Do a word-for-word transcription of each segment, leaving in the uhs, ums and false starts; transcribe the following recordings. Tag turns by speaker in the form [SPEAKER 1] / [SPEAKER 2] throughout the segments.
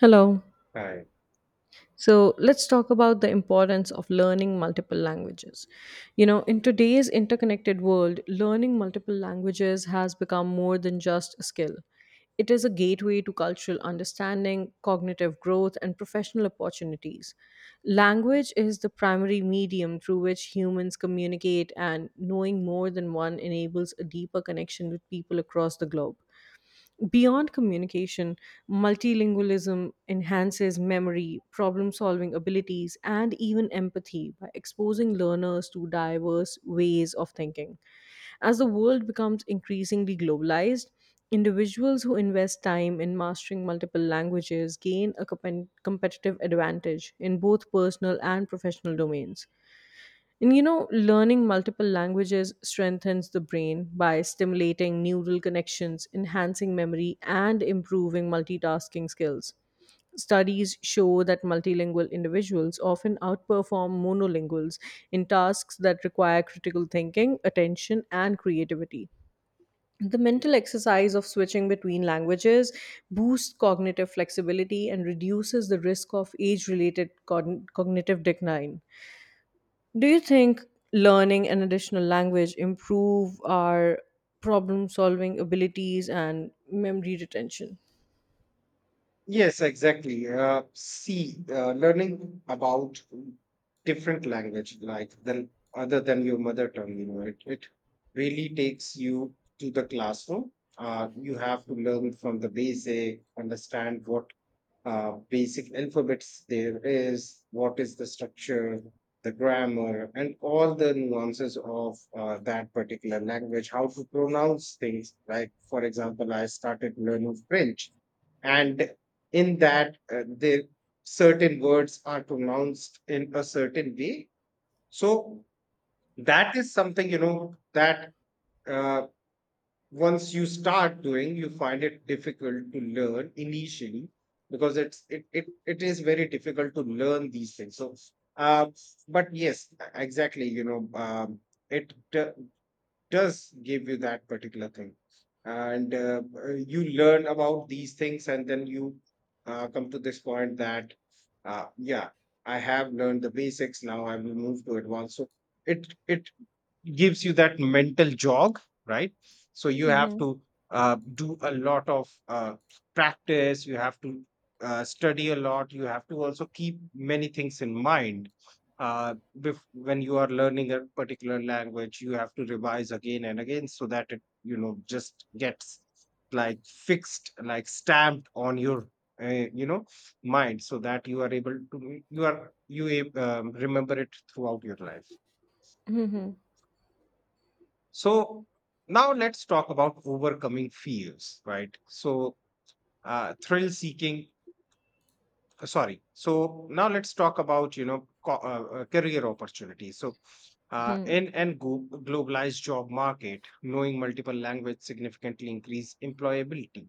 [SPEAKER 1] Hello.
[SPEAKER 2] five
[SPEAKER 1] So let's talk about the importance of learning multiple languages. You know, in today's interconnected world, learning multiple languages has become more than just a skill. It is a gateway to cultural understanding, cognitive growth, and professional opportunities. Language is the primary medium through which humans communicate, and knowing more than one enables a deeper connection with people across the globe. Beyond communication, multilingualism enhances memory, problem solving abilities, and even empathy by exposing learners to diverse ways of thinking. As the world becomes increasingly globalized, individuals who invest time in mastering multiple languages gain a compen- competitive advantage in both personal and professional domains. And you know, learning multiple languages strengthens the brain by stimulating neural connections, enhancing memory, and improving multitasking skills. Studies show that multilingual individuals often outperform monolinguals in tasks that require critical thinking, attention, and creativity. The mental exercise of switching between languages boosts cognitive flexibility and reduces the risk of age related cognitive decline. Do you think learning an additional language improve our problem solving abilities and memory retention?
[SPEAKER 2] Yes, exactly. Uh, see, uh, learning about different language, like than other than your mother tongue, you know, it, it really takes you to the classroom. Uh, you have to learn from the basic, understand what uh, basic alphabets there is, what is the structure, the grammar, and all the nuances of uh, that particular language, how to pronounce things. Like, for example, I started learning French and in that uh, the certain words are pronounced in a certain way, so that is something you know that uh, once you start doing, you find it difficult to learn initially because it's it it, it is very difficult to learn these things. So uh, but yes, exactly, you know um, it uh, does give you that particular thing. And uh, uh, you learn about these things, and then you uh, come to this point that uh, yeah, I have learned the basics, now I will move to advanced. So it it gives you that mental jog, right? So you have
[SPEAKER 1] Mm-hmm.
[SPEAKER 2] to uh, do a lot of uh, practice, you have to uh, study a lot, you have to also keep many things in mind. Uh, bef- when you are learning a particular language, you have to revise again and again so that it, you know, just gets like fixed, like stamped on your, uh, you know, mind, so that you are able to, you are, you ab- um, remember it throughout your life.
[SPEAKER 1] Mm-hmm.
[SPEAKER 2] So now let's talk about overcoming fears, right? So uh, thrill seeking. uh, Sorry. So now let's talk about you know co- uh, uh, career opportunities. So uh, in and globalized job market, knowing multiple language significantly increase employability.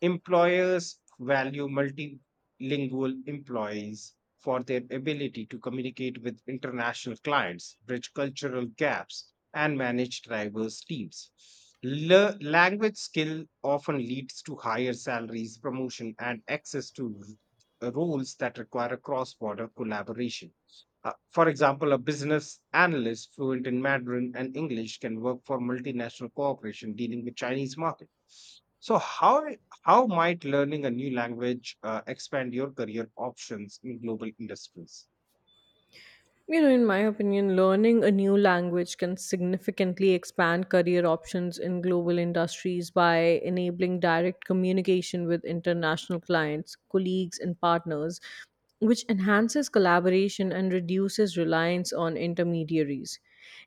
[SPEAKER 2] Employers value multilingual employees for their ability to communicate with international clients, bridge cultural gaps, and manage diverse teams. Le- language skill often leads to higher salaries, promotion, and access to r- roles that require cross border collaboration. Uh, for example, a business analyst fluent in Mandarin and English can work for multinational corporation dealing with Chinese market. So, how how might learning a new language uh, expand your career options in global industries?
[SPEAKER 1] You know, in my opinion, learning a new language can significantly expand career options in global industries by enabling direct communication with international clients, colleagues, and partners, which enhances collaboration and reduces reliance on intermediaries.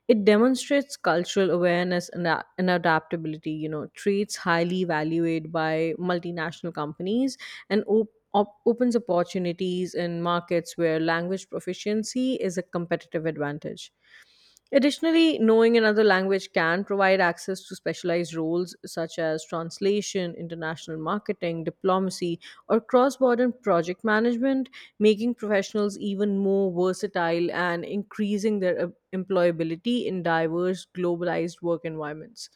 [SPEAKER 1] It demonstrates cultural awareness and, a- and adaptability, you know, traits highly valued by multinational companies and op- op- opens opportunities in markets where language proficiency is a competitive advantage. Additionally, knowing another language can provide access to specialized roles such as translation, international marketing, diplomacy, or cross border project management, making professionals even more versatile and increasing their uh, employability in diverse, globalized work environments.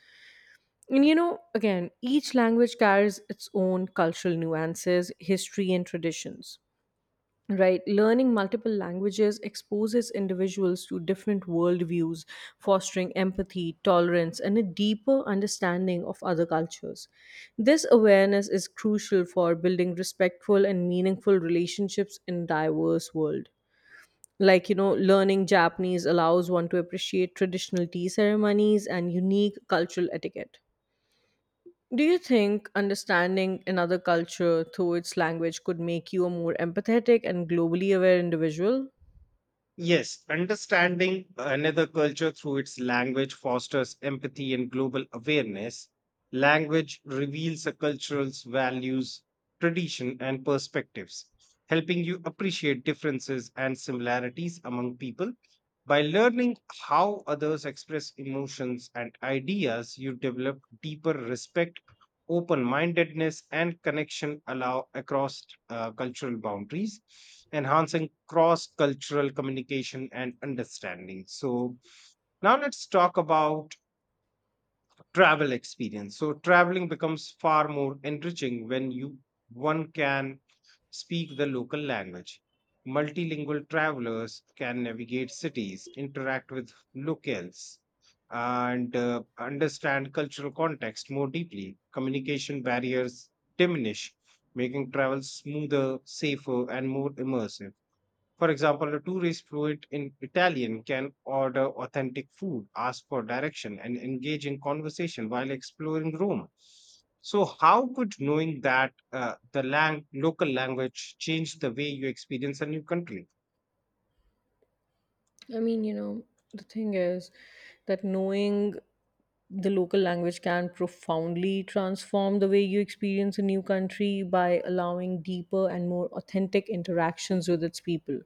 [SPEAKER 1] And you know, again, each language carries its own cultural nuances, history, and traditions. Right, learning multiple languages exposes individuals to different worldviews, fostering empathy, tolerance, and a deeper understanding of other cultures. This awareness is crucial for building respectful and meaningful relationships in diverse world. Like, you know, learning Japanese allows one to appreciate traditional tea ceremonies and unique cultural etiquette. Do you think understanding another culture through its language could make you a more empathetic and globally aware individual?
[SPEAKER 2] Yes, understanding another culture through its language fosters empathy and global awareness. Language reveals a cultural's values, tradition, and perspectives, helping you appreciate differences and similarities among people. By learning how others express emotions and ideas, you develop deeper respect, open mindedness, and connection allow across uh, cultural boundaries, enhancing cross cultural communication and understanding. So now let's talk about travel experience. So traveling becomes far more enriching when you one can speak the local language. Multilingual travelers can navigate cities, interact with locals, and uh, understand cultural context more deeply. Communication barriers diminish, making travel smoother, safer, and more immersive. For example, a tourist fluent in Italian can order authentic food, ask for direction, and engage in conversation while exploring Rome. So, how could knowing that uh, the lang- local language change the way you experience a new country?
[SPEAKER 1] I mean, you know, the thing is that knowing the local language can profoundly transform the way you experience a new country by allowing deeper and more authentic interactions with its people.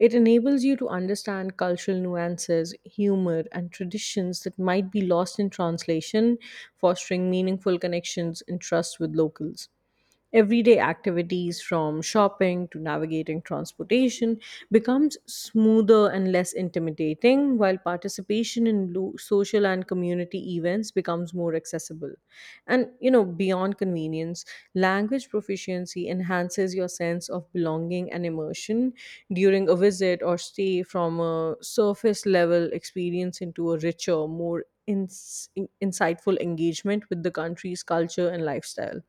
[SPEAKER 1] It enables you to understand cultural nuances, humor, and traditions that might be lost in translation, fostering meaningful connections and trust with locals. Everyday activities from shopping to navigating transportation becomes smoother and less intimidating while participation in lo- social and community events becomes more accessible. And you know, beyond convenience, language proficiency enhances your sense of belonging and immersion during a visit or stay from a surface level experience into a richer, more ins- in- insightful engagement with the country's culture and lifestyle.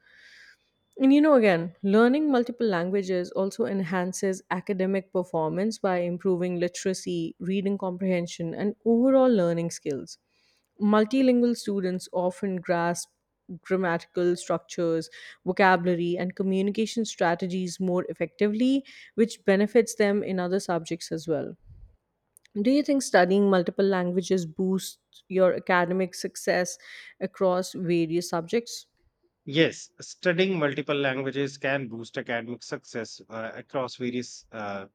[SPEAKER 1] And you know, again, learning multiple languages also enhances academic performance by improving literacy, reading comprehension, and overall learning skills. Multilingual students often grasp grammatical structures, vocabulary, and communication strategies more effectively, which benefits them in other subjects as well. Do you think studying multiple languages boosts your academic success across various subjects?
[SPEAKER 2] Yes, studying multiple languages can boost academic success uh, across various uh,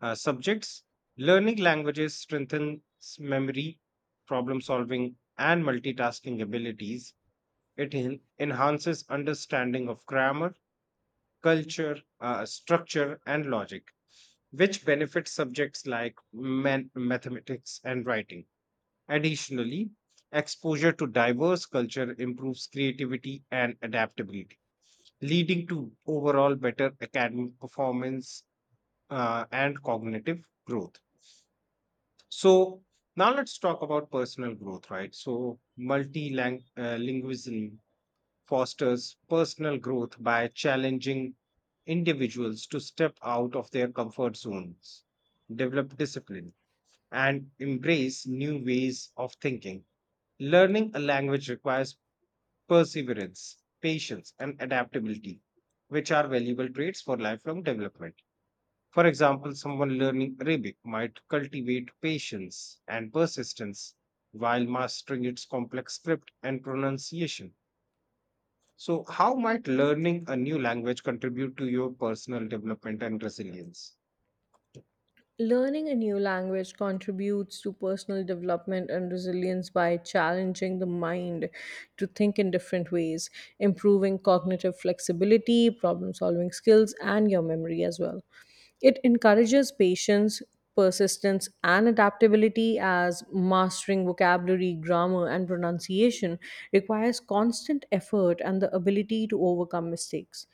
[SPEAKER 2] uh, subjects. Learning languages strengthens memory, problem solving, and multitasking abilities. It en- enhances understanding of grammar, culture, uh, structure, and logic, which benefits subjects like man- mathematics and writing. Additionally, exposure to diverse culture improves creativity and adaptability, leading to overall better academic performance uh, and cognitive growth. So, now let's talk about personal growth, right? So, multilingualism fosters personal growth by challenging individuals to step out of their comfort zones, develop discipline, and embrace new ways of thinking. Learning a language requires perseverance, patience, and adaptability, which are valuable traits for lifelong development. For example, someone learning Arabic might cultivate patience and persistence while mastering its complex script and pronunciation. So, how might learning a new language contribute to your personal development and resilience?
[SPEAKER 1] Learning a new language contributes to personal development and resilience by challenging the mind to think in different ways, improving cognitive flexibility, problem solving skills, and your memory as well. It encourages patience, persistence, and adaptability as mastering vocabulary, grammar, and pronunciation requires constant effort and the ability to overcome mistakes.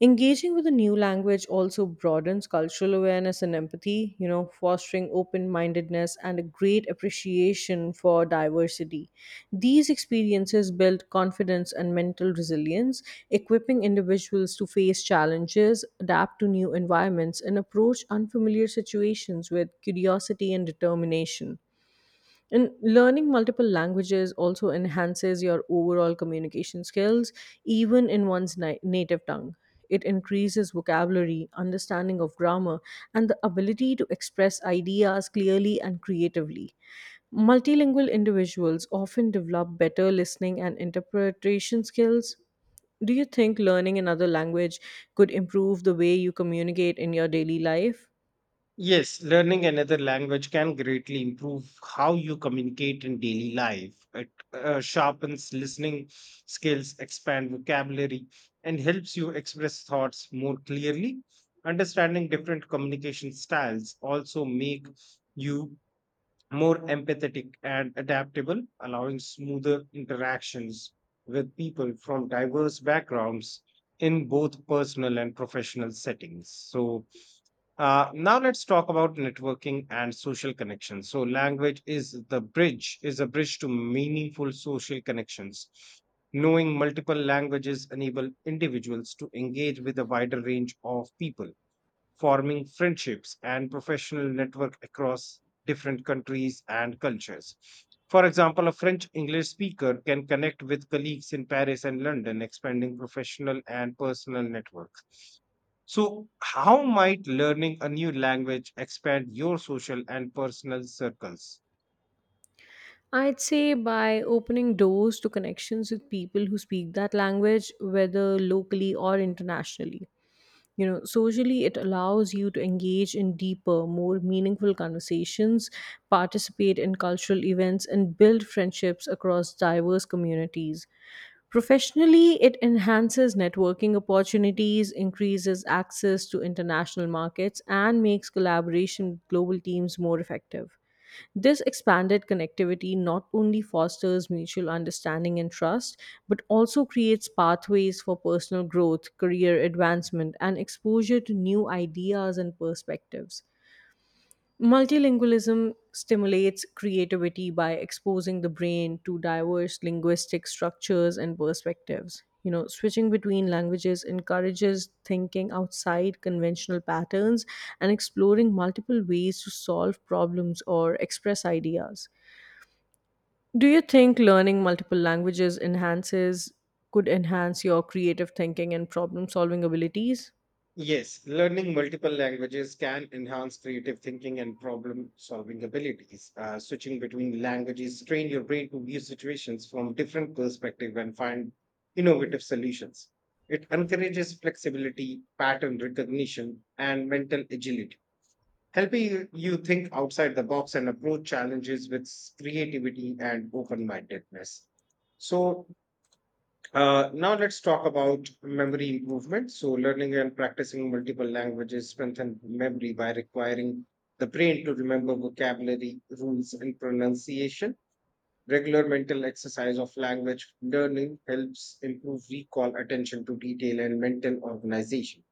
[SPEAKER 1] Engaging with a new language also broadens cultural awareness and empathy. You know, fostering open mindedness and a great appreciation for diversity. These experiences build confidence and mental resilience, equipping individuals to face challenges, adapt to new environments, and approach unfamiliar situations with curiosity and determination. And learning multiple languages also enhances your overall communication skills, even in one's ni- native tongue. It increases vocabulary, understanding of grammar, and the ability to express ideas clearly and creatively. Multilingual individuals often develop better listening and interpretation skills. Do you think learning another language could improve the way you communicate in your daily life?
[SPEAKER 2] Yes, learning another language can greatly improve how you communicate in daily life. It uh, sharpens listening skills, expand vocabulary, and helps you express thoughts more clearly. Understanding different communication styles also make you more empathetic and adaptable, allowing smoother interactions with people from diverse backgrounds in both personal and professional settings. So, uh, now let's talk about networking and social connections. So, language is the bridge, is a bridge to meaningful social connections. Knowing multiple languages enable individuals to engage with a wider range of people, forming friendships and professional network across different countries and cultures. For example, a French English speaker can connect with colleagues in Paris and London, expanding professional and personal networks. So, how might learning a new language expand your social and personal circles?
[SPEAKER 1] I'd say by opening doors to connections with people who speak that language, whether locally or internationally. You know, socially, it allows you to engage in deeper, more meaningful conversations, participate in cultural events, and build friendships across diverse communities. Professionally, it enhances networking opportunities, increases access to international markets, and makes collaboration with global teams more effective. This expanded connectivity not only fosters mutual understanding and trust, but also creates pathways for personal growth, career advancement, and exposure to new ideas and perspectives. Multilingualism stimulates creativity by exposing the brain to diverse linguistic structures and perspectives. You know, switching between languages encourages thinking outside conventional patterns and exploring multiple ways to solve problems or express ideas. Do you think learning multiple languages enhances could enhance your creative thinking and problem solving abilities?
[SPEAKER 2] Yes, learning multiple languages can enhance creative thinking and problem-solving abilities. Uh, switching between languages train your brain to view situations from different perspectives and find innovative solutions. It encourages flexibility, pattern recognition, and mental agility, helping you you think outside the box and approach challenges with s- creativity and open-mindedness. So, uh, now let's talk about memory improvement. So learning and practicing multiple languages strengthen memory by requiring the brain to remember vocabulary, rules, and pronunciation. Regular mental exercise of language learning helps improve recall, attention to detail, and mental organization.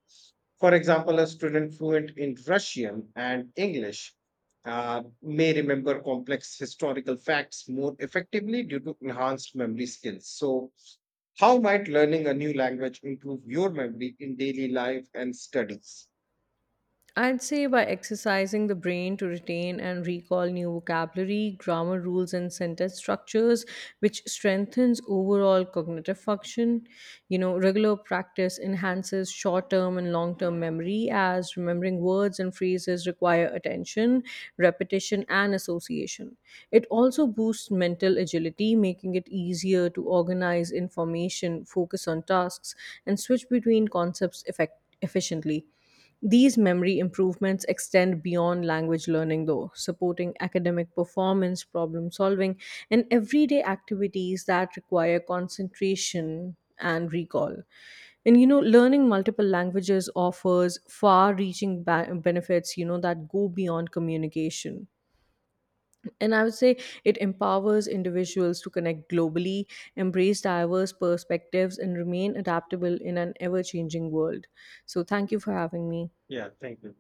[SPEAKER 2] For example, a student fluent in Russian and English uh, may remember complex historical facts more effectively due to enhanced memory skills. So how might learning a new language improve your memory in daily life and studies?
[SPEAKER 1] I'd say by exercising the brain to retain and recall new vocabulary, grammar rules, and sentence structures, which strengthens overall cognitive function. You know, regular practice enhances short term and long term memory as remembering words and phrases require attention, repetition, and association. It also boosts mental agility, making it easier to organize information, focus on tasks, and switch between concepts effectively efficiently. These memory improvements extend beyond language learning, though, supporting academic performance, problem solving, and everyday activities that require concentration and recall. And you know, learning multiple languages offers far reaching ba- benefits, you know, that go beyond communication. And I would say it empowers individuals to connect globally, embrace diverse perspectives, and remain adaptable in an ever changing world. So, thank you for having me.
[SPEAKER 2] Yeah, thank you.